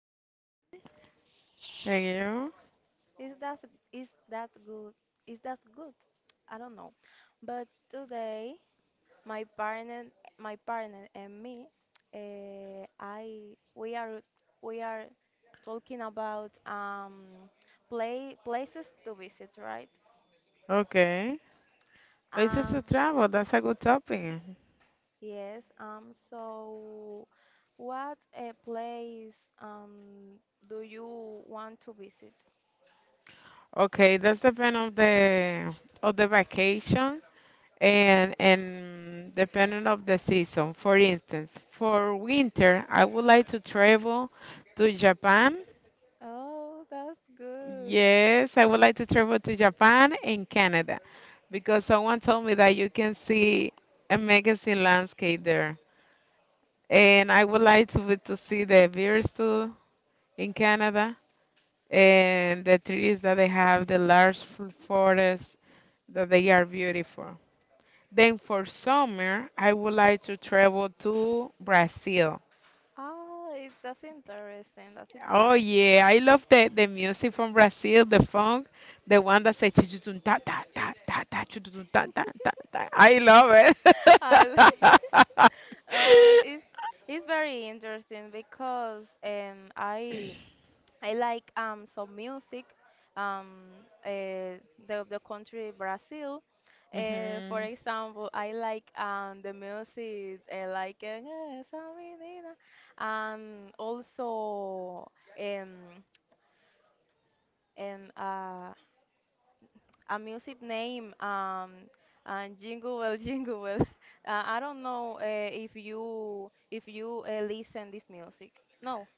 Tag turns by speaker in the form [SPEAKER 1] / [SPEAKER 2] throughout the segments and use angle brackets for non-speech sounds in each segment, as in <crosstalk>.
[SPEAKER 1] I'm fine. Thank you.
[SPEAKER 2] Is that is that good? Is that good? I don't know. But today, my partner, my partner and me, I we are talking about play places to visit, right?
[SPEAKER 1] Okay. Places to
[SPEAKER 2] Um,
[SPEAKER 1] travel, that's a good topic.
[SPEAKER 2] yes. So what a place um do you want to visit?
[SPEAKER 1] Okay, that's depend on the of the vacation and depending of the season. For instance, for winter, I would like to travel to Japan.
[SPEAKER 2] Oh, that's good.
[SPEAKER 1] Yes, I would like to travel to Japan and Canada because someone told me that you can see a amazing landscape there. And I would like to, to see the bears too. In Canada, and the trees that they have, the large forests, that they are beautiful. Then for summer, I would like to travel to Brazil.
[SPEAKER 2] Oh, that's interesting. That's
[SPEAKER 1] Oh
[SPEAKER 2] interesting.
[SPEAKER 1] yeah, I love the music from Brazil, the funk, the one that says "Chuchutum ta ta ta ta ta chuchutum ta ta ta ta." I love
[SPEAKER 2] <laughs> I
[SPEAKER 1] it.
[SPEAKER 2] <laughs>
[SPEAKER 1] <laughs>
[SPEAKER 2] oh, it's very interesting because I like some music um uh, the country Brazil. For
[SPEAKER 1] Hmm.
[SPEAKER 2] example, I like the music like esa menina, and also um and a music name and jingle well <laughs> I don't know, if you listen this music no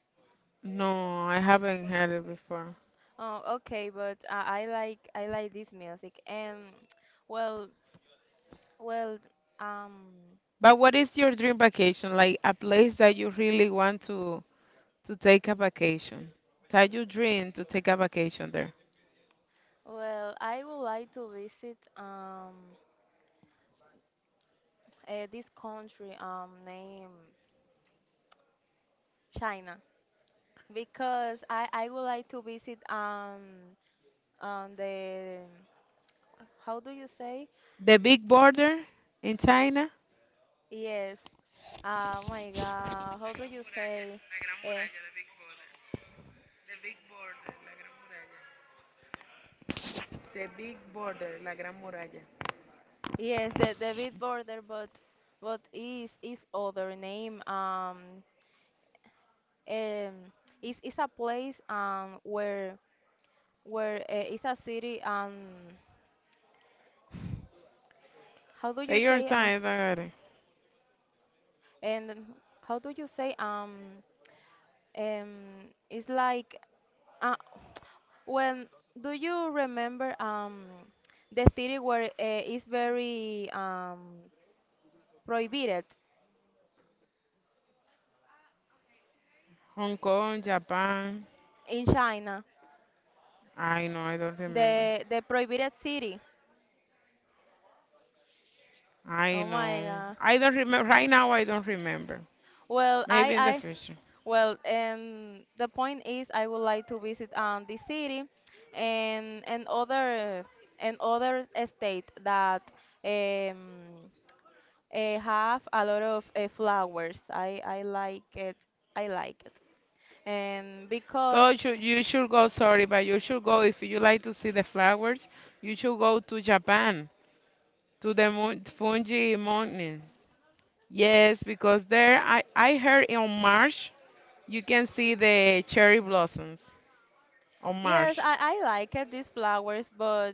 [SPEAKER 1] No, I haven't heard it before.
[SPEAKER 2] oh okay but I like this music and well well um
[SPEAKER 1] But what is your dream vacation? Like a place that you really want to take a vacation. Tell your dream to take a vacation there.
[SPEAKER 2] I would like to visit this country named China because i would like to visit the how do you say.
[SPEAKER 1] The big border in China.
[SPEAKER 2] Yes. Oh my God. How do you say? Eh,
[SPEAKER 1] The big border, la gran muralla.
[SPEAKER 2] yes, the bit border, but but is other name. Um, is a place where is a city. How do you
[SPEAKER 1] Take your
[SPEAKER 2] say,
[SPEAKER 1] time, Dagare.
[SPEAKER 2] and how do you say, um it's like, uh, <tsk> when do you remember the city where, it's very prohibited
[SPEAKER 1] Hong Kong, Japan.
[SPEAKER 2] in China,
[SPEAKER 1] I know, I don't remember.
[SPEAKER 2] the prohibited city.
[SPEAKER 1] I
[SPEAKER 2] Oh my
[SPEAKER 1] know.
[SPEAKER 2] God.
[SPEAKER 1] I don't remember. Right now, I don't remember.
[SPEAKER 2] Well,
[SPEAKER 1] Maybe in the future.
[SPEAKER 2] and the point is I would like to visit the city, and other state that um have a lot of flowers. I like it. I like it. And because
[SPEAKER 1] So you should go, sorry, but you should go if you like to see the flowers. You should go to Japan, to the Fuji Mountain. Yes, because there, I heard in March you can see the cherry blossoms on
[SPEAKER 2] yes,
[SPEAKER 1] March.
[SPEAKER 2] I like it these flowers, but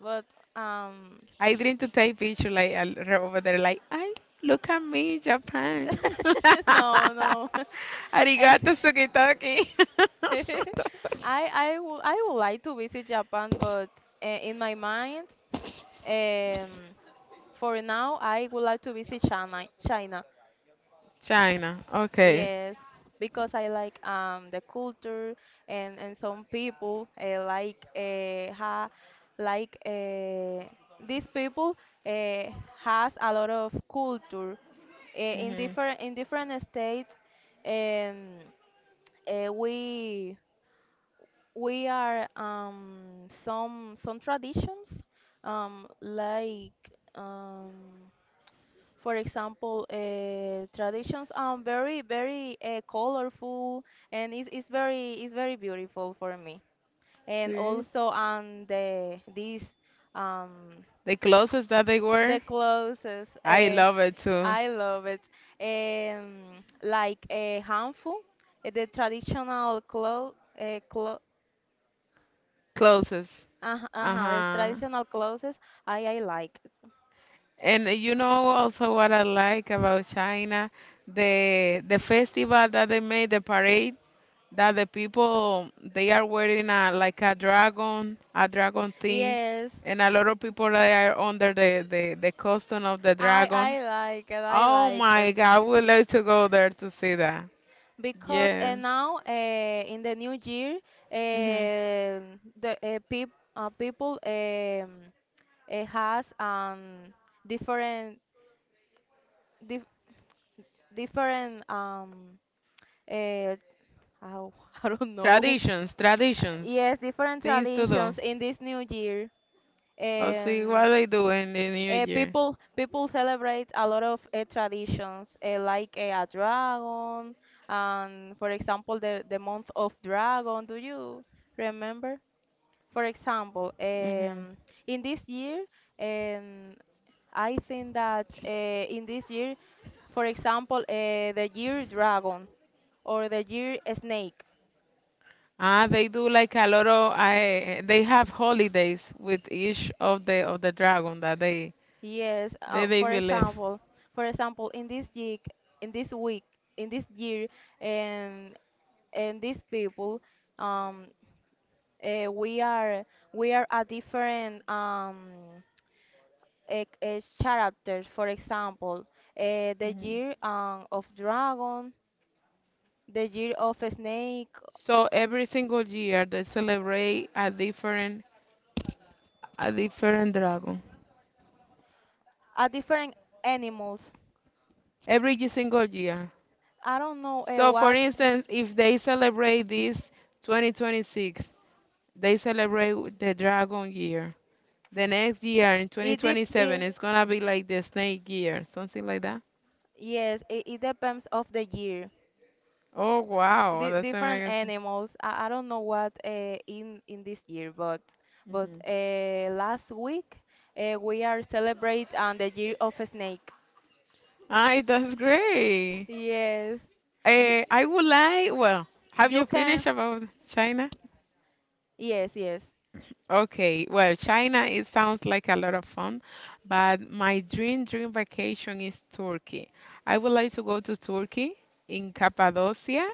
[SPEAKER 2] but um
[SPEAKER 1] I dream to take picture like over there, like, I look at me, Japan.
[SPEAKER 2] <laughs>
[SPEAKER 1] <laughs>
[SPEAKER 2] no, no. <laughs> Eh,
[SPEAKER 1] Arigato
[SPEAKER 2] <laughs>
[SPEAKER 1] sukitoki. <laughs>
[SPEAKER 2] I I would like to visit Japan, but, in my mind, um, for now, I would like to visit China. China,
[SPEAKER 1] China. Okay.
[SPEAKER 2] yes, because I like the culture, and some people, like these people, uh, has a lot of culture, in
[SPEAKER 1] Hmm.
[SPEAKER 2] different states. Um, uh, we we are some traditions like um for example, traditions very, very, colorful, and it's very beautiful for me. And
[SPEAKER 1] See
[SPEAKER 2] also um
[SPEAKER 1] the closest that they
[SPEAKER 2] the
[SPEAKER 1] were.
[SPEAKER 2] clothes,
[SPEAKER 1] I love it too.
[SPEAKER 2] I love it, like a handful, the traditional clothes.
[SPEAKER 1] Closest. Uh
[SPEAKER 2] Uh-huh, the
[SPEAKER 1] huh.
[SPEAKER 2] traditional clothes, I like it.
[SPEAKER 1] And you know also what I like about China, the festival that they made, the parade. That the people they are wearing a like a dragon thing,
[SPEAKER 2] Yes,
[SPEAKER 1] and a lot of people they are under the costume of the
[SPEAKER 2] I,
[SPEAKER 1] dragon.
[SPEAKER 2] I like it, I
[SPEAKER 1] Oh
[SPEAKER 2] like
[SPEAKER 1] my
[SPEAKER 2] it.
[SPEAKER 1] God, I would like to go there to see that.
[SPEAKER 2] Because
[SPEAKER 1] Yeah.
[SPEAKER 2] now, in the new year,
[SPEAKER 1] Hmm.
[SPEAKER 2] uh, the uh, peop, people has different, dif different, uh, oh, <laughs> I don't know.
[SPEAKER 1] Traditions, traditions,
[SPEAKER 2] Yes, different
[SPEAKER 1] things to do.
[SPEAKER 2] traditions in this new year.
[SPEAKER 1] I'll see
[SPEAKER 2] Um,
[SPEAKER 1] what they do in the new year.
[SPEAKER 2] People celebrate a lot of traditions, like a dragon, and for example, the month of dragon. Do you remember? For example,
[SPEAKER 1] Hmm.
[SPEAKER 2] in this year, um, I think that in this year, for example, the year dragon or the year snake.
[SPEAKER 1] Ah, they do like a lot of. I they have holidays with each of the dragon that they
[SPEAKER 2] Yes,
[SPEAKER 1] they they
[SPEAKER 2] for
[SPEAKER 1] believe.
[SPEAKER 2] example, for example, in this week, in this week, in this year, and these people um uh, we are we are a different a characters for example, the
[SPEAKER 1] Mm-hmm.
[SPEAKER 2] year, of dragon, the year of snake,
[SPEAKER 1] So every single year they celebrate a different dragon.
[SPEAKER 2] are different animals.
[SPEAKER 1] Every single year.
[SPEAKER 2] I don't know
[SPEAKER 1] So for
[SPEAKER 2] what
[SPEAKER 1] instance, if they celebrate this 2026, they celebrate with the dragon year. The next year in
[SPEAKER 2] it, dep-
[SPEAKER 1] 2027
[SPEAKER 2] it
[SPEAKER 1] it's gonna be like the snake year, something like that.
[SPEAKER 2] yes it depends of the year,
[SPEAKER 1] Oh wow,
[SPEAKER 2] di
[SPEAKER 1] that's
[SPEAKER 2] different
[SPEAKER 1] amazing.
[SPEAKER 2] animals. I don't know what, in this year, but
[SPEAKER 1] Mm-hmm.
[SPEAKER 2] last week we are celebrate on the year of a snake.
[SPEAKER 1] Ay, that's great.
[SPEAKER 2] Yes, you
[SPEAKER 1] Eh, I would like. Well, have
[SPEAKER 2] you
[SPEAKER 1] you
[SPEAKER 2] can.
[SPEAKER 1] finished about China?
[SPEAKER 2] Yes, yes.
[SPEAKER 1] Okay, well, China, it sounds like a lot of fun, but my dream dream vacation is Turkey. I would like to go to Turkey in Cappadocia.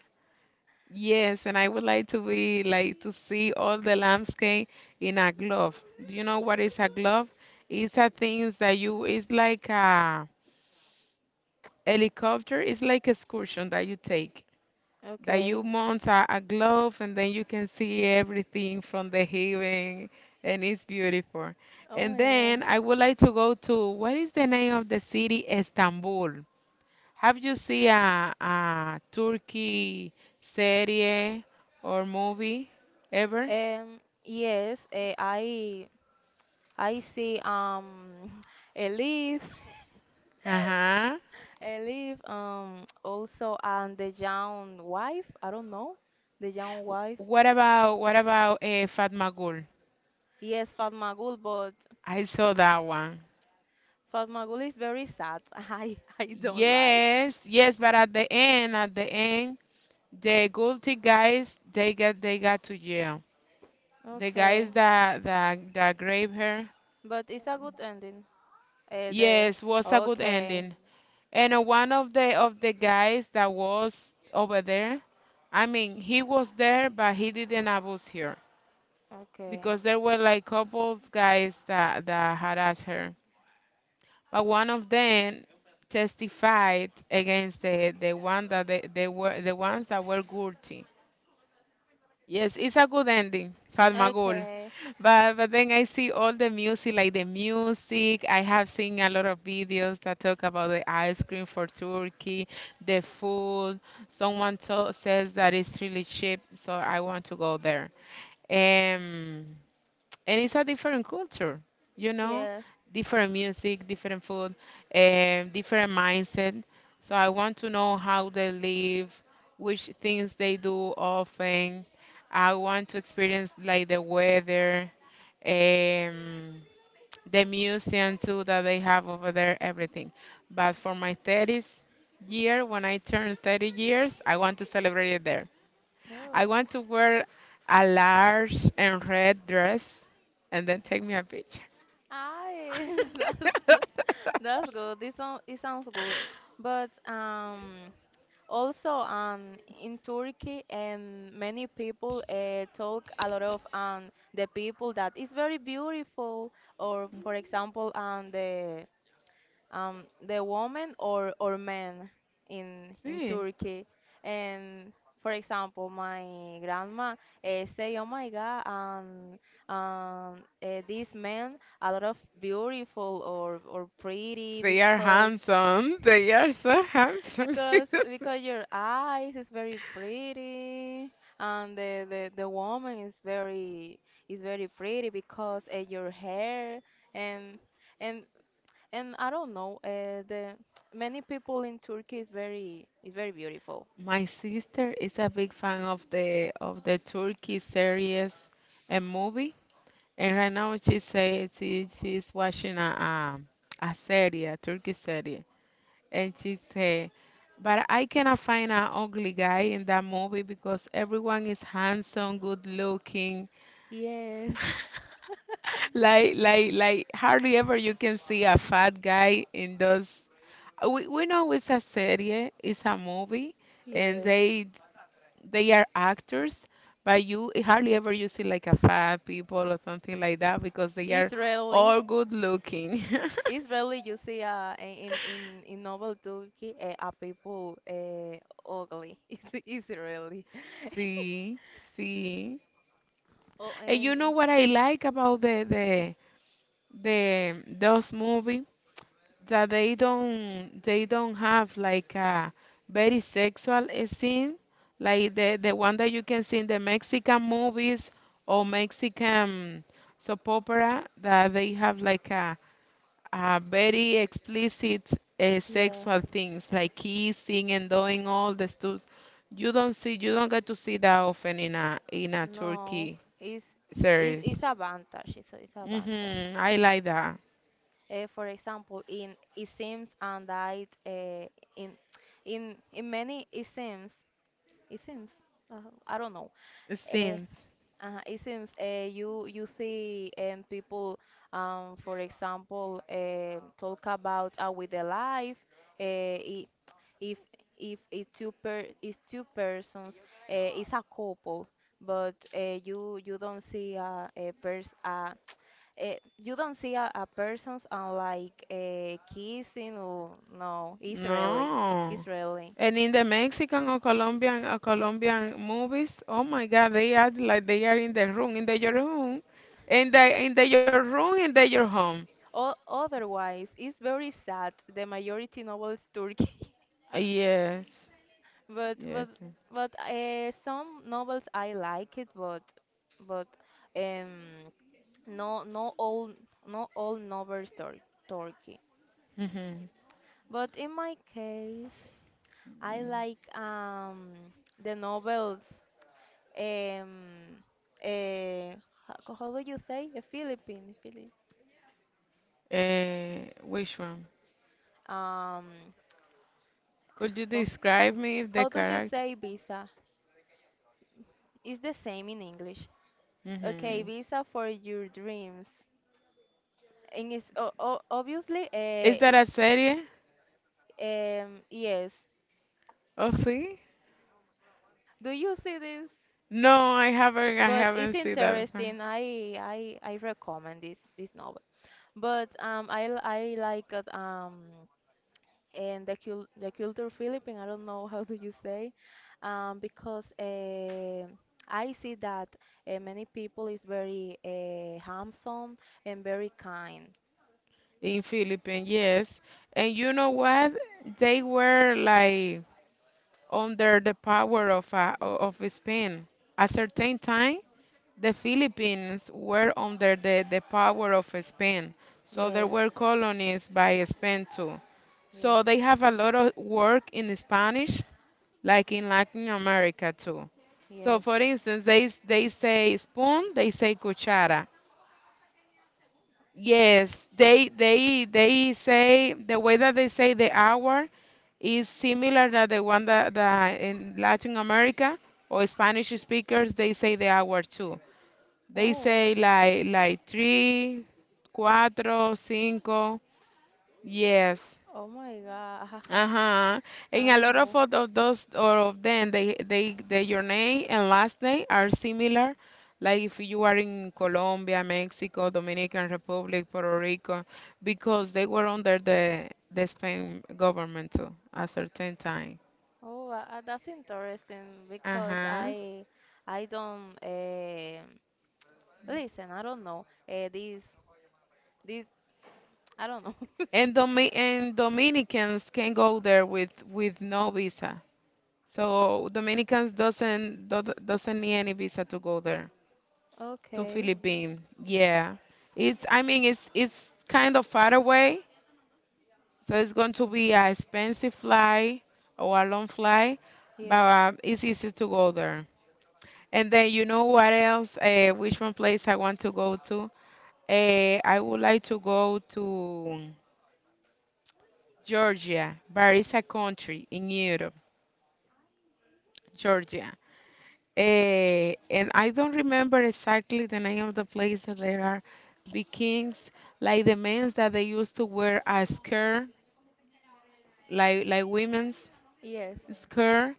[SPEAKER 1] Yes, and I would like to be like to see all the landscape in a glove. Do you know what is a glove? It's a things that you it's like a helicopter, it's like excursion that you take that you
[SPEAKER 2] Okay.
[SPEAKER 1] mount a glove and then you can see everything from the heaven and it's beautiful.
[SPEAKER 2] Oh
[SPEAKER 1] And
[SPEAKER 2] my
[SPEAKER 1] then
[SPEAKER 2] God.
[SPEAKER 1] I would like to go to what is the name of the city? Istanbul. Have you seen a Turkey serie or movie ever?
[SPEAKER 2] Yes. I see. <laughs> A leaf.
[SPEAKER 1] Uh-huh.
[SPEAKER 2] <laughs> A leaf. Also, and the young wife. I don't know. The young wife.
[SPEAKER 1] What about Fatma Gul?
[SPEAKER 2] Yes, Fatmagul, but
[SPEAKER 1] I saw that one.
[SPEAKER 2] Fatmagul is very sad. <laughs> I don't like.
[SPEAKER 1] Yes, yes, but at the end, the guilty guys, they got to jail. The guys
[SPEAKER 2] Okay,
[SPEAKER 1] that grabbed her,
[SPEAKER 2] but it's a good ending. Eh, the
[SPEAKER 1] yes, was a good
[SPEAKER 2] okay,
[SPEAKER 1] ending. And one of the guys that was over there, I mean, he was there, but he didn't abuse her
[SPEAKER 2] okay,
[SPEAKER 1] because there were like couples guys that harassed her. But one of them testified against the one that they were the ones that were guilty. Yes, it's a good ending, Fatmagul.
[SPEAKER 2] okay.
[SPEAKER 1] But then I see all the music, like the music. I have seen a lot of videos that talk about the ice cream for Turkey, the food. Someone to says that it's really cheap, so I want to go there. Um, and it's a different culture, you know,
[SPEAKER 2] Yes.
[SPEAKER 1] different music, different food, different mindset. So I want to know how they live, which things they do often. I want to experience like the weather, um, the museum too that they have over there, everything. But for my 30th year, when I turn 30 years, I want to celebrate it there.
[SPEAKER 2] Oh,
[SPEAKER 1] I want to wear a large and red dress and then take me a picture.
[SPEAKER 2] I <laughs> that's good.
[SPEAKER 1] <laughs>
[SPEAKER 2] It sounds good. But also, in Turkey and many people talk a lot of the people that is very beautiful. Or for example, the woman or man in
[SPEAKER 1] See,
[SPEAKER 2] Turkey. And for example, my grandma, say, "Oh my God, um, this man a lot of beautiful or pretty,
[SPEAKER 1] they are
[SPEAKER 2] because
[SPEAKER 1] handsome. They are so handsome.
[SPEAKER 2] your eyes is very pretty." And the woman is very pretty because, your hair, and and and I don't know, the many people in Turkey is very beautiful.
[SPEAKER 1] <laughs> My sister is a big fan of the Turkey series and movie, and right now she says she's watching a series, a Turkey series. And she said, but I cannot find an ugly guy in that movie because everyone is handsome, good looking.
[SPEAKER 2] Yes,
[SPEAKER 1] Hardly ever you can see a fat guy in those. We know it's a serie, it's a movie, and
[SPEAKER 2] yes.
[SPEAKER 1] they are actors, but you hardly ever you see like a fat people or something like that because they are
[SPEAKER 2] Israeli,
[SPEAKER 1] all good looking.
[SPEAKER 2] Israeli, you see, in novel Turkey, are people, ugly. <laughs> Israeli.
[SPEAKER 1] <laughs>
[SPEAKER 2] <laughs>
[SPEAKER 1] See, see.
[SPEAKER 2] Oh,
[SPEAKER 1] And you
[SPEAKER 2] and
[SPEAKER 1] know what I like about the those movies that they don't have like a very sexual scene, like the one that you can see in the Mexican movies or Mexican soap opera that they have like a very explicit
[SPEAKER 2] yes,
[SPEAKER 1] sexual things, like kissing and doing all the stuff. You don't see, you don't get to see that often in a
[SPEAKER 2] no,
[SPEAKER 1] Turkey
[SPEAKER 2] it's it's
[SPEAKER 1] series.
[SPEAKER 2] it's advantage. It's advantage.
[SPEAKER 1] Mhm, I like that
[SPEAKER 2] For example, in Isims and I, in in many Isims. It seems. Uh, I don't know. Uh,
[SPEAKER 1] scenes.
[SPEAKER 2] it seems you see people, for example, talk about with their life. Uh, i- if if it's two persons, it's a couple. But you don't see a pers you don't see a person's, like kissing or no. It's really
[SPEAKER 1] No.
[SPEAKER 2] it's really
[SPEAKER 1] And in the Mexican or Colombian movies, oh my God, they act like they are in the room, in the your room, in the your room, in the your home.
[SPEAKER 2] Otherwise, it's very sad. The majority novels Turkey,
[SPEAKER 1] Yes,
[SPEAKER 2] <laughs> but but
[SPEAKER 1] yes.
[SPEAKER 2] but some novels I like it, but but um no no all no all novels Turkey.
[SPEAKER 1] Yes.
[SPEAKER 2] But in my case, I
[SPEAKER 1] Mm-hmm.
[SPEAKER 2] like the novels um uh, how do you say a Philippine,
[SPEAKER 1] Which one?
[SPEAKER 2] um
[SPEAKER 1] Could you
[SPEAKER 2] ho-
[SPEAKER 1] describe me the
[SPEAKER 2] how do you
[SPEAKER 1] character?
[SPEAKER 2] say visa? It's the same in English. Okay,
[SPEAKER 1] Mm-hmm.
[SPEAKER 2] visa for your dreams. And it's o o obviously,
[SPEAKER 1] Is that a serie?
[SPEAKER 2] yes.
[SPEAKER 1] Oh, see?
[SPEAKER 2] Do you see this?
[SPEAKER 1] No, I haven't. I
[SPEAKER 2] But it's
[SPEAKER 1] haven't seen that before.
[SPEAKER 2] interesting. I recommend this novel. But I like it. And the culture Philippine. I don't know <laughs> how do you say, because I see that many people is very, handsome and very kind.
[SPEAKER 1] In Philippines, yes. And you know what? They were like, under the power of, a, of Spain. At a certain time, the Philippines were under the power of Spain, so there
[SPEAKER 2] Yes,
[SPEAKER 1] were colonies by Spain too. So
[SPEAKER 2] yes,
[SPEAKER 1] they have a lot of work in Spanish, like in Latin America too. So
[SPEAKER 2] yes.
[SPEAKER 1] for instance, they say spoon, they say cuchara. Yes, they say the way that they say the hour is similar to the one that in Latin America or Spanish speakers they say the hour too. They
[SPEAKER 2] Oh, wow.
[SPEAKER 1] say like three, cuatro, cinco. Yes,
[SPEAKER 2] Oh my God.
[SPEAKER 1] uh-huh.
[SPEAKER 2] <laughs> I
[SPEAKER 1] And a
[SPEAKER 2] don't
[SPEAKER 1] lot
[SPEAKER 2] know.
[SPEAKER 1] of those or of them they your name and last name are similar. Like if you are in Colombia, Mexico, Dominican Republic, Puerto Rico, because they were under the Spain government too at certain time.
[SPEAKER 2] Oh, that's interesting because
[SPEAKER 1] Uh-huh.
[SPEAKER 2] I don't listen. I don't know. This this I don't know. <laughs>
[SPEAKER 1] And Dominicans can go there with no visa. So Dominicans doesn't do, doesn't need any visa to go there to
[SPEAKER 2] Okay.
[SPEAKER 1] Philippines. Yeah, it's I mean it's kind of far away, so it's going to be a expensive flight or a long flight, but
[SPEAKER 2] Yes.
[SPEAKER 1] it's easy to go there. And then you know what else? Which one place I want to go to? I would like to go to Georgia, but it's a country in Europe, Georgia. Eh, and I don't remember exactly the name of the place that there are bikins, like the men's that they used to wear a skirt, like women's
[SPEAKER 2] Yes.
[SPEAKER 1] skirt,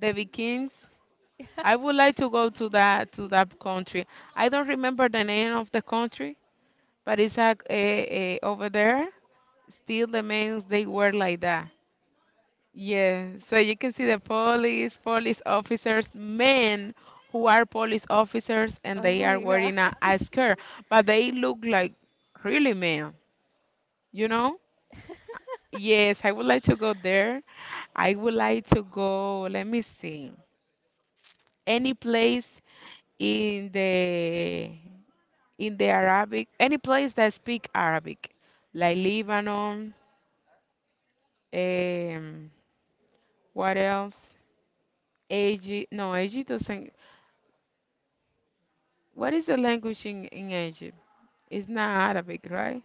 [SPEAKER 1] the bikins. I would
[SPEAKER 2] <laughs>
[SPEAKER 1] like to go to that country. I don't remember the name of the country, but it's like over there. Still, the men's they wear like that. Yeah, so you can see the police officers, men who are police officers and
[SPEAKER 2] Oh
[SPEAKER 1] they are
[SPEAKER 2] my God.
[SPEAKER 1] wearing
[SPEAKER 2] <laughs>
[SPEAKER 1] a skirt, but they look like really men, you know? Yes, I would like to go there. I would like to go, let me see, any place in the Arabic, any place that speak Arabic, like Lebanon, um, what else? Egypt, no, Egypt doesn't. What is the language in Egypt? It's not Arabic, right?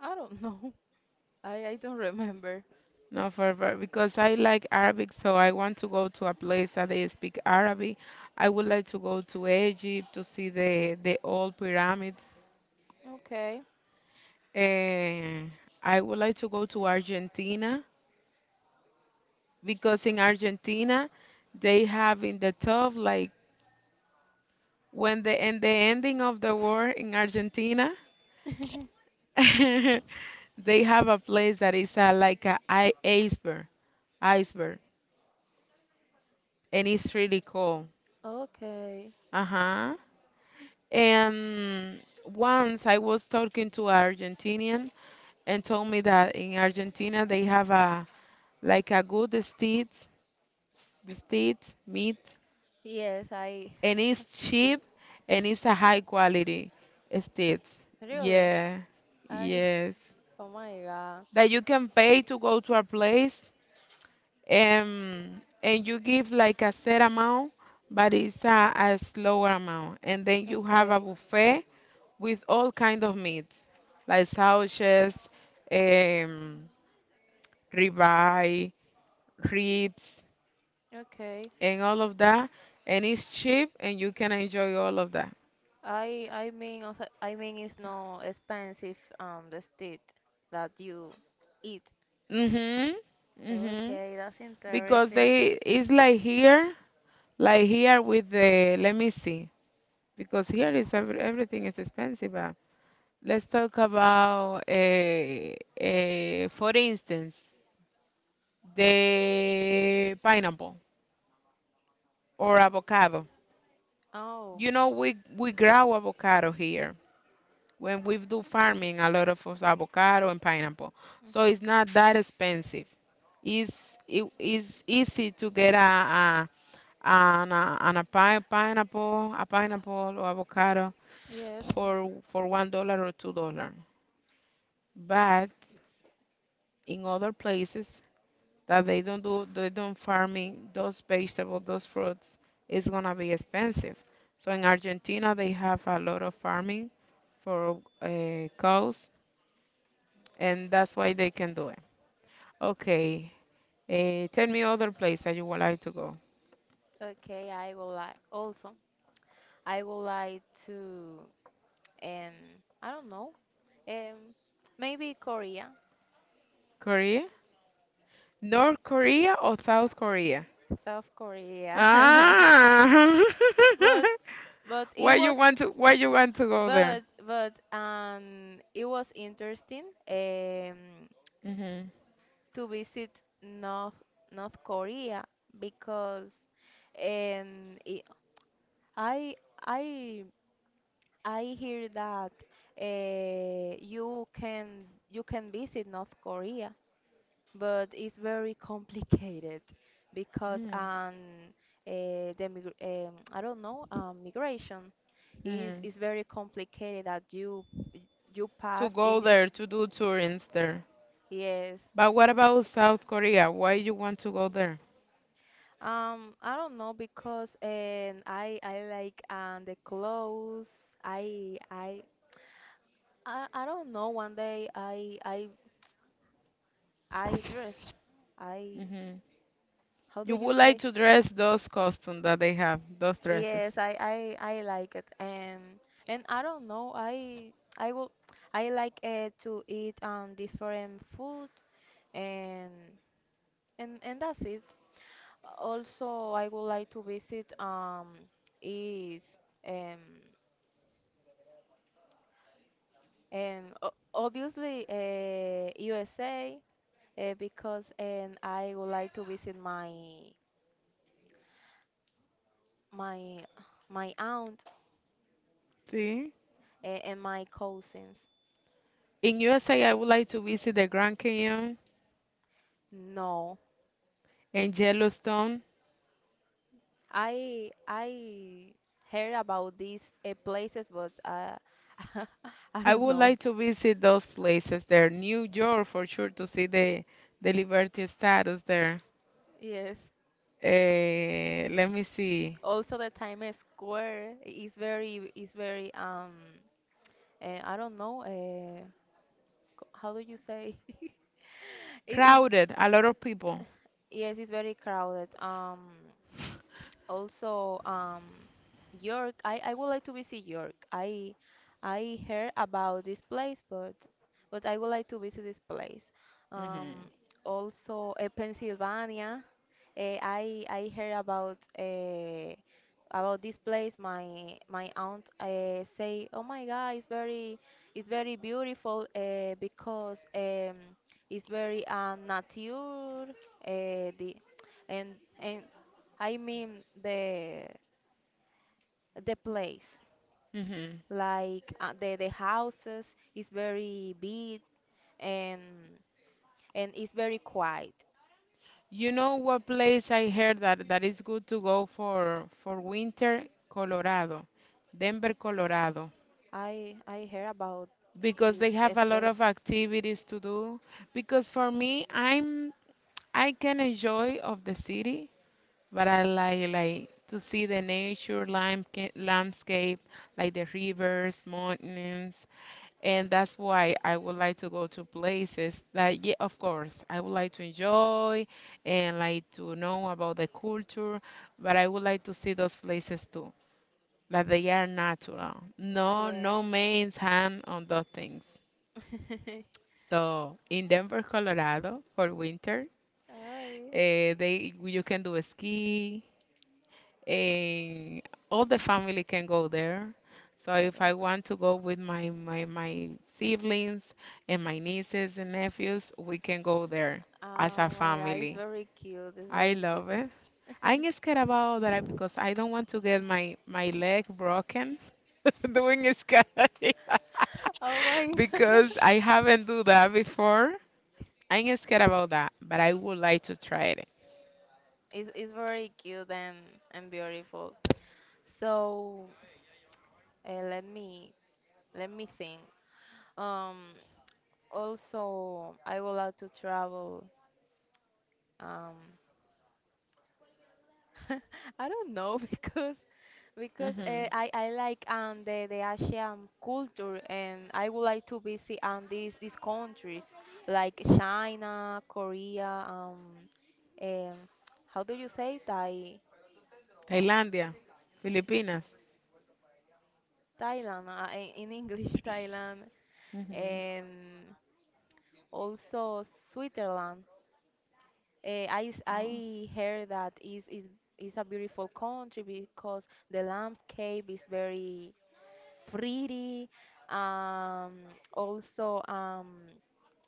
[SPEAKER 2] I don't know. I don't remember.
[SPEAKER 1] No, because I like Arabic, so I want to go to a place that they speak Arabic. I would like to go to Egypt to see the old pyramids.
[SPEAKER 2] Okay.
[SPEAKER 1] Eh, I would like to go to Argentina because in Argentina they have in the top like when the in the ending of the war in Argentina
[SPEAKER 2] <laughs>
[SPEAKER 1] <laughs> they have a place that is like iceberg, iceberg, and it's really cool.
[SPEAKER 2] Okay.
[SPEAKER 1] Uh-huh. And once I was talking to an Argentinian and told me that in Argentina they have a like a good steak, the steak meat,
[SPEAKER 2] Yes, I
[SPEAKER 1] and it's
[SPEAKER 2] <laughs> see.
[SPEAKER 1] cheap and it's a high quality steak.
[SPEAKER 2] Really?
[SPEAKER 1] Yeah,
[SPEAKER 2] I.
[SPEAKER 1] yes.
[SPEAKER 2] Oh my God.
[SPEAKER 1] That you can pay to go to a place and you give like a set amount, but it's a slower amount, and then you have a
[SPEAKER 2] Okay.
[SPEAKER 1] buffet with all kind of meats, like sausages, um, ribeye, ribs,
[SPEAKER 2] Okay.
[SPEAKER 1] and all of that. And it's cheap, and you can enjoy all of that.
[SPEAKER 2] I mean also, it's no expensive the steak that you eat.
[SPEAKER 1] Mhm. Mhm.
[SPEAKER 2] Okay, that's
[SPEAKER 1] Because
[SPEAKER 2] interesting.
[SPEAKER 1] it's like here with the. Let me see. Because here is everything is expensive. But let's talk about, for instance, the pineapple or avocado.
[SPEAKER 2] Oh,
[SPEAKER 1] You know, we grow avocado here when we do farming, a lot of us avocado and pineapple, so
[SPEAKER 2] mhm,
[SPEAKER 1] it's not that expensive. it's it is easy to get a an, a, an a pi- pineapple a pineapple or avocado
[SPEAKER 2] yes.
[SPEAKER 1] for $1 or $2. But in other places that they don't farming those vegetables, those fruits, it's gonna be expensive. So in Argentina they have a lot of farming for cows, and that's why they can do it. Okay, tell me other place that you would like to go.
[SPEAKER 2] Okay, I would like to um I don't know, um maybe Korea,
[SPEAKER 1] Korea, North Korea or South Korea?
[SPEAKER 2] South Korea. <laughs> No.
[SPEAKER 1] Ah,
[SPEAKER 2] But but
[SPEAKER 1] <laughs>
[SPEAKER 2] it was,
[SPEAKER 1] why you want to go there?
[SPEAKER 2] but it was interesting.
[SPEAKER 1] Mhm.
[SPEAKER 2] To visit North North Korea, because, um, it- I I I hear that, you can visit North Korea, but it's very complicated because,
[SPEAKER 1] Mhm.
[SPEAKER 2] I don't know, migration is
[SPEAKER 1] Mhm.
[SPEAKER 2] is very complicated that you
[SPEAKER 1] To
[SPEAKER 2] pass in
[SPEAKER 1] go
[SPEAKER 2] this.
[SPEAKER 1] there to do tourings there.
[SPEAKER 2] Yes.
[SPEAKER 1] But what about South Korea? Why you want to go there?
[SPEAKER 2] I don't know because, I like the clothes. I I I don't know. One day I dress. I
[SPEAKER 1] Hmm.
[SPEAKER 2] How do
[SPEAKER 1] You
[SPEAKER 2] you
[SPEAKER 1] would like
[SPEAKER 2] say?
[SPEAKER 1] to dress those costumes that they have, those dresses.
[SPEAKER 2] Yes, I like it. And I don't know. I will I like, to eat, different food, and and that's it. Also, I would like to visit, is um and obviously, USA, because and I would like to visit my my aunt,
[SPEAKER 1] See?
[SPEAKER 2] and my cousins.
[SPEAKER 1] In USA, I would like to visit the Grand Canyon
[SPEAKER 2] No,
[SPEAKER 1] and Yellowstone.
[SPEAKER 2] I heard about these, places, but, <laughs> I
[SPEAKER 1] I
[SPEAKER 2] don't
[SPEAKER 1] would
[SPEAKER 2] know.
[SPEAKER 1] like to visit those places there. New York for sure to see the Liberty Status there.
[SPEAKER 2] Yes.
[SPEAKER 1] Eh, let me see.
[SPEAKER 2] Also, the Times Square is very, I don't know, how do you say, <laughs> it is.
[SPEAKER 1] Crowded, a lot of people.
[SPEAKER 2] Yes, it's very crowded. Also, York. I would like to visit York. I heard about this place, but I would like to visit this place.
[SPEAKER 1] Hmm.
[SPEAKER 2] Um, Also, Pennsylvania. I heard about this place. My aunt, say, "Oh my God, it's very, beautiful, because, it's very, nature, the and I mean the place,
[SPEAKER 1] Hmm.
[SPEAKER 2] like, the houses is very big, and and it's very quiet.
[SPEAKER 1] You know what place I heard that is good to go for winter? Colorado, Denver, Colorado,
[SPEAKER 2] I hear about
[SPEAKER 1] because
[SPEAKER 2] this
[SPEAKER 1] they have a lot
[SPEAKER 2] estate.
[SPEAKER 1] of activities to do. Because for me, I can enjoy of the city, but I like to see the nature, landscape, like the rivers, mountains. And that's why I would like to go to places that, yeah, of course, I would like to enjoy and like to know about the culture, but I would like to see those places too, that they are natural. No,
[SPEAKER 2] Yes.
[SPEAKER 1] no man's hand on those things.
[SPEAKER 2] <laughs>
[SPEAKER 1] So in Denver, Colorado, for winter,
[SPEAKER 2] Hi.
[SPEAKER 1] they you can do a ski, and all the family can go there. So if
[SPEAKER 2] Yes.
[SPEAKER 1] I want to go with my siblings and my nieces and nephews, we can go there as a
[SPEAKER 2] Oh my God, it's
[SPEAKER 1] family.
[SPEAKER 2] very cute. It's
[SPEAKER 1] I
[SPEAKER 2] very cute.
[SPEAKER 1] love it.
[SPEAKER 2] <laughs>
[SPEAKER 1] I'm scared about that because I don't want to get my leg broken <laughs> doing skydiving <laughs>
[SPEAKER 2] Oh my <laughs>
[SPEAKER 1] because I haven't do that before. I'm scared about that, but I would like to try it.
[SPEAKER 2] It's very cute, and beautiful. So, uh, let me let me think. Um, Also, I would like to travel. Um, <laughs> I don't know <laughs> because,
[SPEAKER 1] Hmm.
[SPEAKER 2] I like the Asian culture, and I would like to visit these countries like China, Korea, um how do you say Thai,
[SPEAKER 1] Thailandia, Filipinas.
[SPEAKER 2] Thailand, in English <laughs> Thailand,
[SPEAKER 1] Hmm.
[SPEAKER 2] and also Switzerland. I heard that is a beautiful country because the landscape is very pretty. Um, Also,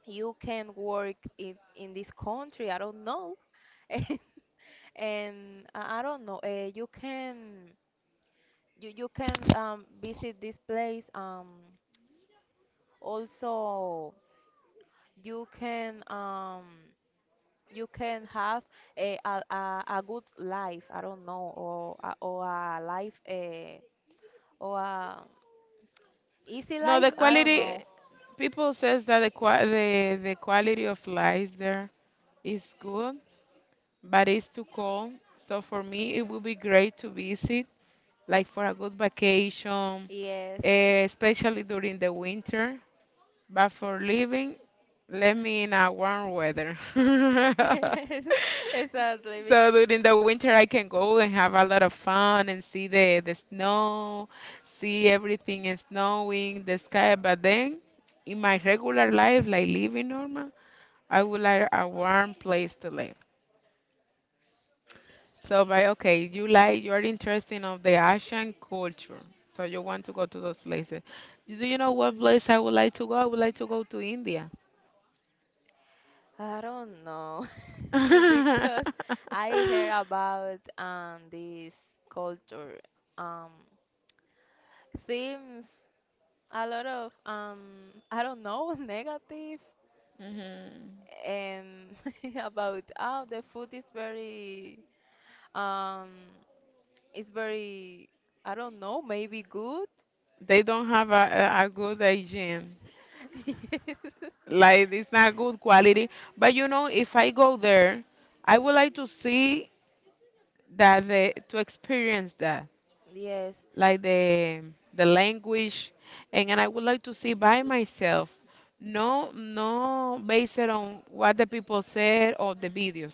[SPEAKER 2] you can work in this country. I don't know, <laughs> and, and I don't know. You can you can visit this place. Also, you can um, you can have a good life, I don't know, or, or a life, or a easy
[SPEAKER 1] No, the
[SPEAKER 2] life, I don't
[SPEAKER 1] quality,
[SPEAKER 2] know.
[SPEAKER 1] people says that the quality of life there is good, but it's too cold. So for me, it would be great to visit, like for a good vacation,
[SPEAKER 2] Yes. <laughs>
[SPEAKER 1] eh, especially during the winter. But for living, let me in a warm weather. <laughs>
[SPEAKER 2] Exactly.
[SPEAKER 1] So during the winter, I can go and have a lot of fun and see the snow, see everything is snowing, the sky. But then, in my regular life, like living normal, I would like a warm place to live. So, by okay, you like you're interested of the Asian culture, so you want to go to those places. Do you know what place I would like to go? I would like to go to India.
[SPEAKER 2] I don't know. <laughs> Because
[SPEAKER 1] <laughs>
[SPEAKER 2] I hear about this culture um seems a lot of I don't know <laughs> negative
[SPEAKER 1] Mhm.
[SPEAKER 2] and <laughs> about oh the food is very Um, it's very, I don't know, maybe good. <laughs>
[SPEAKER 1] They don't have a good hygiene, like it's not good quality. But you know, if I go there, I would like to see that the to experience that,
[SPEAKER 2] Yes.
[SPEAKER 1] like the language, and I would like to see by myself. No, no, based it on what the people said or the videos,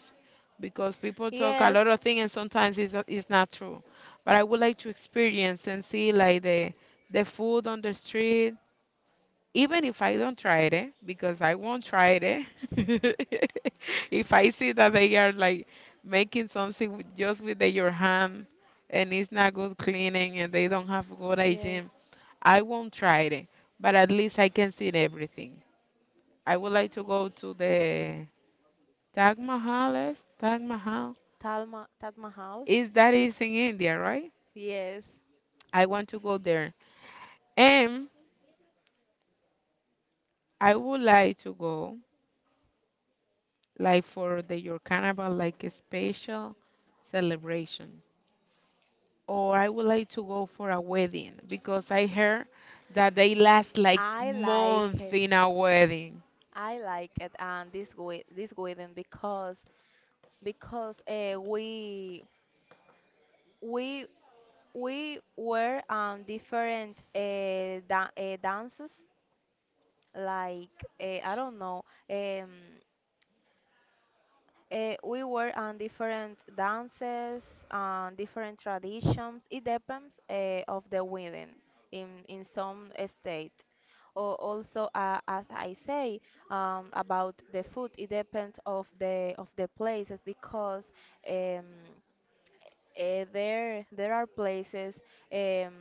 [SPEAKER 1] because people talk a
[SPEAKER 2] Yes,
[SPEAKER 1] lot of
[SPEAKER 2] yes,
[SPEAKER 1] things and sometimes it's not true. But I would like to experience and see like the food on the street, even if I don't try it, eh, because I won't try it, <laughs> if I see that they are like making something with, just with your hand and it's not good cleaning and they don't have good
[SPEAKER 2] yes.
[SPEAKER 1] hygiene, I won't try it, eh. But at least I can see everything. I would like to go to the Taj Mahal. Yes, Taj Mahal.
[SPEAKER 2] Talma, Taj Mahal.
[SPEAKER 1] Is that is in India, right?
[SPEAKER 2] Yes.
[SPEAKER 1] I want to go there, and I would like to go like for the your carnival, like a special celebration. Or I would like to go for a wedding because I heard that they last like
[SPEAKER 2] I like
[SPEAKER 1] months
[SPEAKER 2] it.
[SPEAKER 1] in a wedding.
[SPEAKER 2] I like it, and this wedding because we we we were on different da dances like I don't know. Um, we were on different dances, on different traditions. It depends of the wedding in some state. Or also, as I say about the food, it depends of the places because um, there are places um,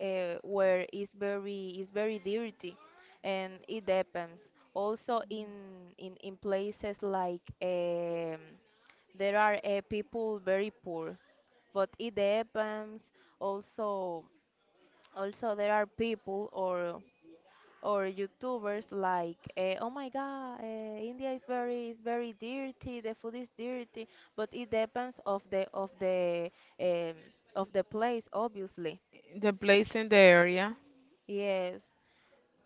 [SPEAKER 2] where it's very dirty, and it depends. Also in in places like. There are people very poor, but it depends also. Also there are people or youtubers like oh my god, india is very dirty, the food is dirty, but it depends of the um, of the place, obviously.
[SPEAKER 1] The place in the area.
[SPEAKER 2] Yes,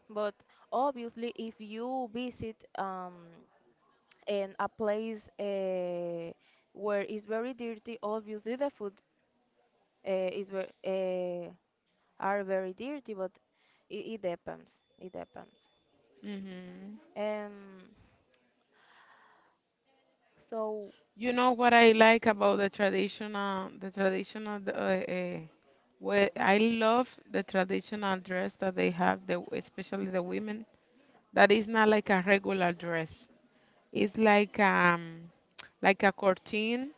[SPEAKER 2] but obviously if you visit in a place where it's very dirty, obviously the food is ver are very dirty, but it depends. It depends.
[SPEAKER 1] Hmm.
[SPEAKER 2] Um, so
[SPEAKER 1] You know what I like about the traditional, well, I love the traditional dress that they have, especially the women. That is not like a regular dress. It's like a curtain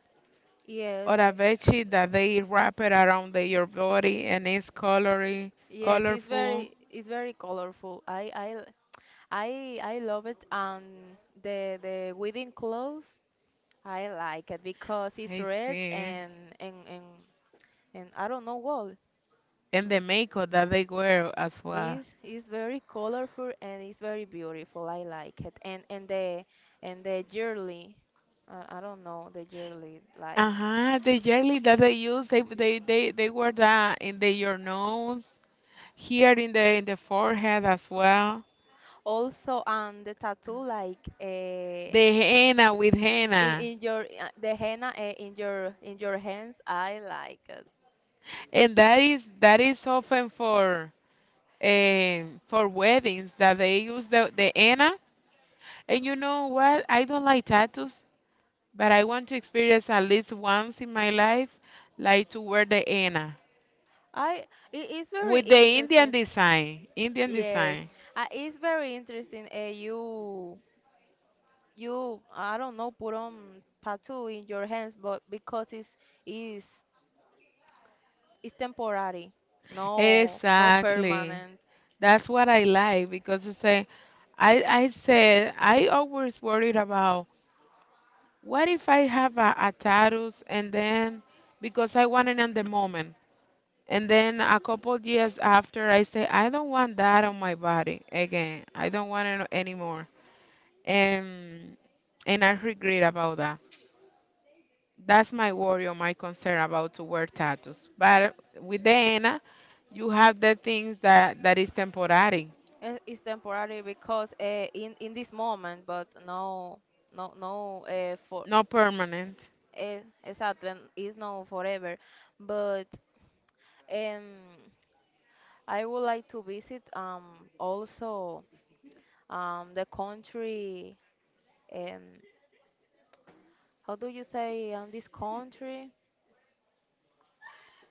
[SPEAKER 1] or
[SPEAKER 2] yes,
[SPEAKER 1] a veggie that they wrap it around your body and it's colory,
[SPEAKER 2] yes,
[SPEAKER 1] colorful.
[SPEAKER 2] it's very colorful. I love it, and the wedding clothes I like it because it's
[SPEAKER 1] I
[SPEAKER 2] red.
[SPEAKER 1] see.
[SPEAKER 2] And and and and I don't know what
[SPEAKER 1] And the makeup that they wear as well.
[SPEAKER 2] is very colorful and it's very beautiful. I like it. And the and the jewelry, I don't know, the jewelry like
[SPEAKER 1] Uh-huh, the jelly that they use, they wear that in the your nose, here in the forehead as well.
[SPEAKER 2] also the tattoo like
[SPEAKER 1] The henna with henna.
[SPEAKER 2] in your the henna in your hands. I like it.
[SPEAKER 1] And that is often for weddings that they use the henna. And you know what? I don't like tattoos, but I want to experience at least once in my life, like to wear the henna
[SPEAKER 2] I, it is very
[SPEAKER 1] with the Indian
[SPEAKER 2] interesting.
[SPEAKER 1] design. Indian
[SPEAKER 2] Yes,
[SPEAKER 1] design.
[SPEAKER 2] it's very interesting. You I don't know, put on tattoo in your hands, but because is it's temporary, no, no
[SPEAKER 1] Exactly.
[SPEAKER 2] permanent.
[SPEAKER 1] That's what I like because I say, I said I always worried about what if I have a tattoo, and then because I want it in the moment, and then a couple years after I say I don't want that on my body again. I don't want it anymore. And and I regret about that. That's my worry or my concern about to wear tattoos. But with the henna, you have the things that is temporary,
[SPEAKER 2] Eh, it's temporary because in this moment, but no no no for
[SPEAKER 1] not permanent.
[SPEAKER 2] exactly, it's no forever, but um I would like to visit also the country. um how do you say this country?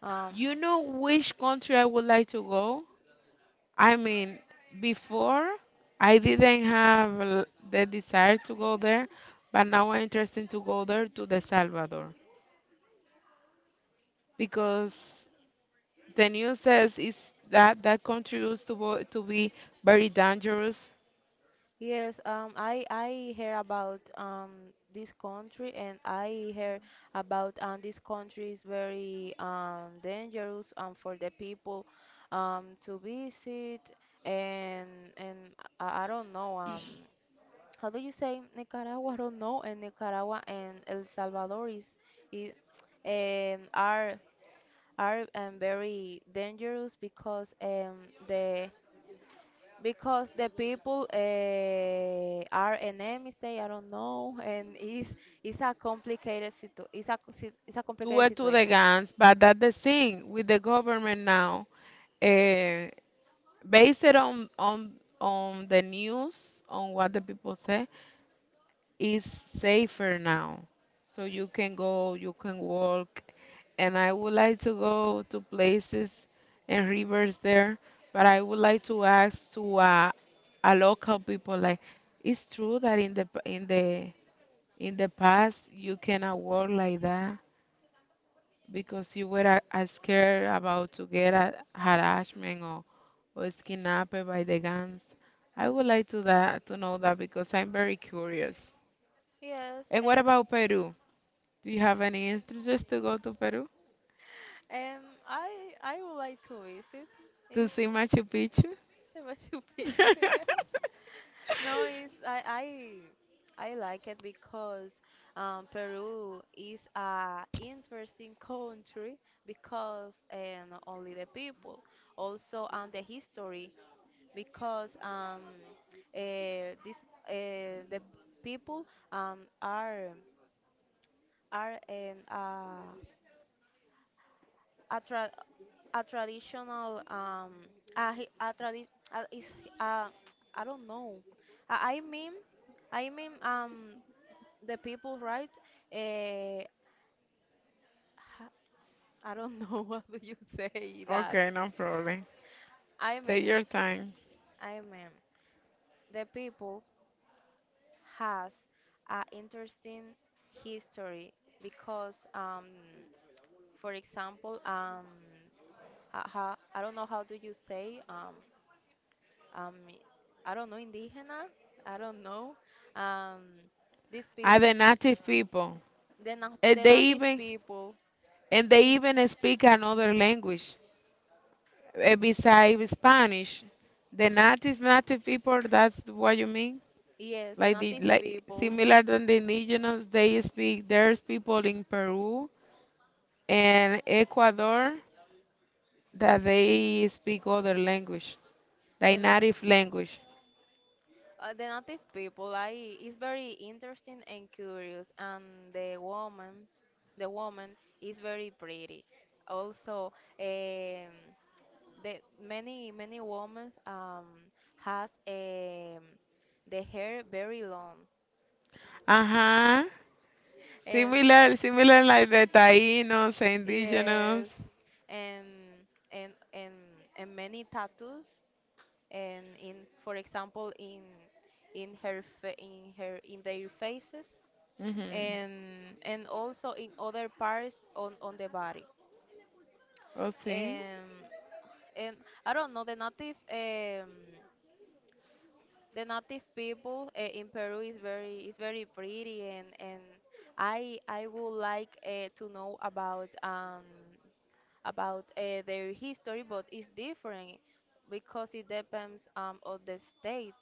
[SPEAKER 2] um
[SPEAKER 1] You know which country I would like to go? I mean, before I didn't have the desire to go there, but now I'm interested to go there to The Salvador because the news says is that that country used to, to be very dangerous.
[SPEAKER 2] Yes, I hear about this country, and I hear about this country is very dangerous for the people to visit. And and I don't know, how do you say Nicaragua? I don't know, and Nicaragua and El Salvador is, is are very dangerous because the people are enemies, they, I don't know, and it's a complicated situ it's a it's a
[SPEAKER 1] Two
[SPEAKER 2] complicated
[SPEAKER 1] were to the
[SPEAKER 2] situation.
[SPEAKER 1] guns, but that's the thing with the government now. Uh, based on on the news, on what the people say, is safer now. So you can go, you can walk, and I would like to go to places and rivers there, but I would like to ask to a local people like, it's true that in the p- in the past you cannot walk like that because you were scared about to get a harassment or was kidnapped by the gangs. I would like to that to know that because I'm very curious.
[SPEAKER 2] Yes,
[SPEAKER 1] And what about Peru? Do you have any interest to go to Peru
[SPEAKER 2] and I I would like to visit.
[SPEAKER 1] to
[SPEAKER 2] Is
[SPEAKER 1] see Machu Picchu?
[SPEAKER 2] the Machu Picchu?
[SPEAKER 1] <laughs>
[SPEAKER 2] <laughs> No, it's I like it because peru is a interesting country because not only the people, also and the history because this the people um, are are a, tra- a traditional a, hi- a, tradi- a, is, uh, I don't know. I, I mean, I mean the people, right? Uh, I don't know <laughs> what do you say that.
[SPEAKER 1] Okay, no problem.
[SPEAKER 2] I
[SPEAKER 1] Take
[SPEAKER 2] mean,
[SPEAKER 1] your time.
[SPEAKER 2] I mean the people has an interesting history because, for example, I don't know how do you say, um, I don't know, indígena, I don't know, um, these people,
[SPEAKER 1] Are the native people?
[SPEAKER 2] the,
[SPEAKER 1] And
[SPEAKER 2] the
[SPEAKER 1] they
[SPEAKER 2] native
[SPEAKER 1] even
[SPEAKER 2] people,
[SPEAKER 1] and they
[SPEAKER 2] i-
[SPEAKER 1] even speak another language, eh, besides Spanish, the native native people, that's what you mean?
[SPEAKER 2] yes, the
[SPEAKER 1] Like the
[SPEAKER 2] native
[SPEAKER 1] like
[SPEAKER 2] people,
[SPEAKER 1] similar than the indigenous, they speak. There's people in Peru and Ecuador that they speak other language, their
[SPEAKER 2] the na-
[SPEAKER 1] native language.
[SPEAKER 2] The native people, I is very interesting and curious, and the woman, the woman is very pretty. Also, um, the many women has the hair very long,
[SPEAKER 1] Uh huh.
[SPEAKER 2] and
[SPEAKER 1] Similar, similar like the Taínos, the indigenous.
[SPEAKER 2] yes, and and and and many tattoos, and in for example in her fa in her in their faces,
[SPEAKER 1] Mhm.
[SPEAKER 2] and also in other parts on the body.
[SPEAKER 1] Oh, see.
[SPEAKER 2] And and I don't know, the native people in peru is very pretty, and I would like to know about their history, but it's different because it depends on the state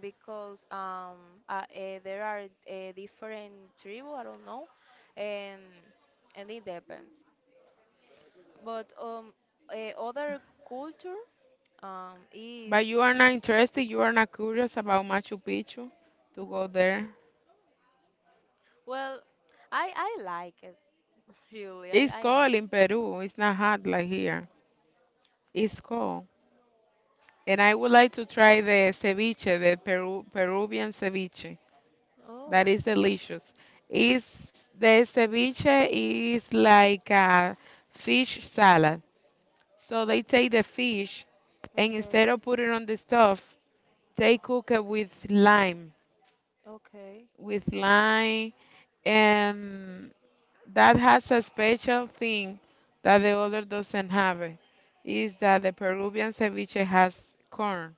[SPEAKER 2] because there are different tribu. I don't know, and it depends. But other culture is
[SPEAKER 1] But you are not interested. You are not curious about Machu Picchu to go there.
[SPEAKER 2] well, I like it <laughs> really.
[SPEAKER 1] It's
[SPEAKER 2] I
[SPEAKER 1] cold
[SPEAKER 2] like. It.
[SPEAKER 1] in Peru. It's not hot like here. It's cold, and I would like to try the ceviche, the Peru, Peruvian ceviche.
[SPEAKER 2] Oh,
[SPEAKER 1] That is delicious. Is the ceviche is like a fish salad. So they take the fish and
[SPEAKER 2] okay,
[SPEAKER 1] instead of putting on the stuff, they cook it with lime,
[SPEAKER 2] okay.
[SPEAKER 1] with lime, and that has a special thing that the other doesn't have it, is that the Peruvian ceviche has corn.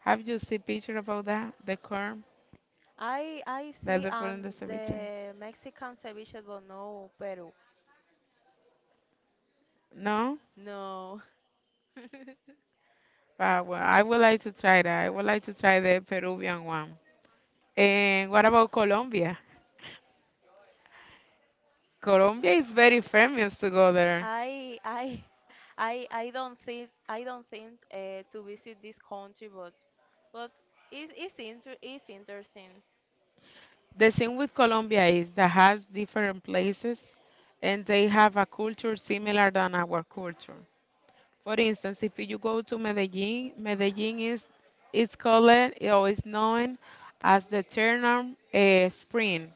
[SPEAKER 1] Have you seen picture about that? The corn
[SPEAKER 2] I
[SPEAKER 1] that
[SPEAKER 2] see
[SPEAKER 1] they put
[SPEAKER 2] on
[SPEAKER 1] in the ceviche?
[SPEAKER 2] the Mexican ceviche, but no Peru.
[SPEAKER 1] No?
[SPEAKER 2] No. <laughs>
[SPEAKER 1] Ah, well, I would like to try that. I would like to try the Peruvian one. And what about Colombia? Colombia is very famous to go there.
[SPEAKER 2] I <laughs> I don't think to visit this country, but but it's inter it's interesting.
[SPEAKER 1] The thing with Colombia is that has different places and they have a culture similar than our culture. For instance, if you go to Medellin, Medellin is it's called or is known as the Eternal Spring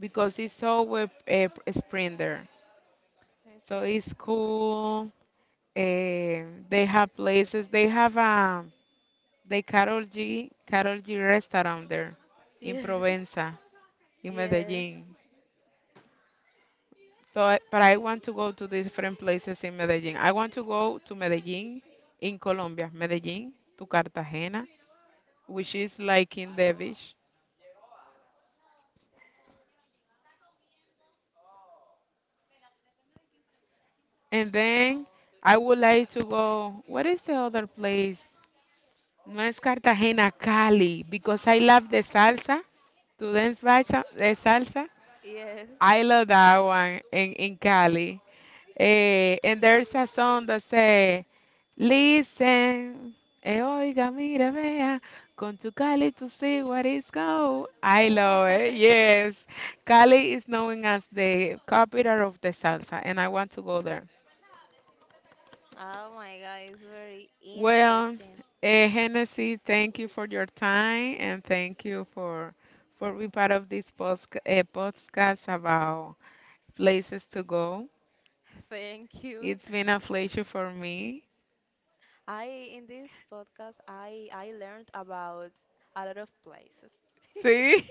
[SPEAKER 1] because it's always a spring there. So
[SPEAKER 2] Okay.
[SPEAKER 1] it's cool. Eh, they have places. They have the Carol G, Carol G restaurant there in
[SPEAKER 2] Yes,
[SPEAKER 1] Provenza in
[SPEAKER 2] <laughs> yes,
[SPEAKER 1] Medellin. So, but I want to go to different places in Medellin. I want to go to Medellin in Colombia, Medellin to Cartagena, which is like in the beach. And then I would like to go, what is the other place? No es Cartagena, Cali, because I love the salsa, to dance bacha, the salsa.
[SPEAKER 2] yes.
[SPEAKER 1] I love that one in Cali. Eh, and there's a song that say, listen, eh, oiga, mira, vea, con tu Cali to see what is go. I love it,
[SPEAKER 2] <laughs>
[SPEAKER 1] yes. Cali is known as the capital of the salsa, and I want to go there.
[SPEAKER 2] Oh my God, it's very
[SPEAKER 1] Well,
[SPEAKER 2] interesting.
[SPEAKER 1] eh, Hennessy, thank you for your time, and thank you for being part of this podcast about places to go.
[SPEAKER 2] <laughs> Thank you.
[SPEAKER 1] It's been a pleasure for me.
[SPEAKER 2] I, in this podcast, I learned about a lot of places. <laughs>
[SPEAKER 1] See?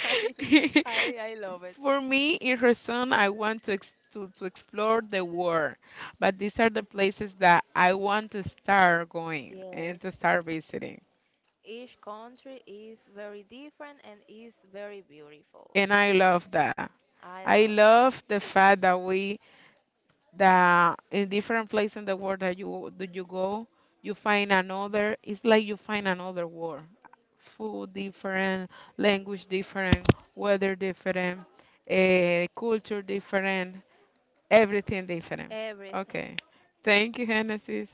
[SPEAKER 2] I
[SPEAKER 1] <laughs>
[SPEAKER 2] I love it.
[SPEAKER 1] For me, in Rason, I want to, to explore the world, but these are the places that I want to start going
[SPEAKER 2] Yes.
[SPEAKER 1] and to start visiting.
[SPEAKER 2] Each country is very different and is very beautiful.
[SPEAKER 1] And I love that.
[SPEAKER 2] I
[SPEAKER 1] I
[SPEAKER 2] love
[SPEAKER 1] love the fact that we that in different place in the world that you go, you find another. It's like you find another world. Food different, language different, weather different, culture different, everything different.
[SPEAKER 2] everything.
[SPEAKER 1] Okay. Thank you, Genesis.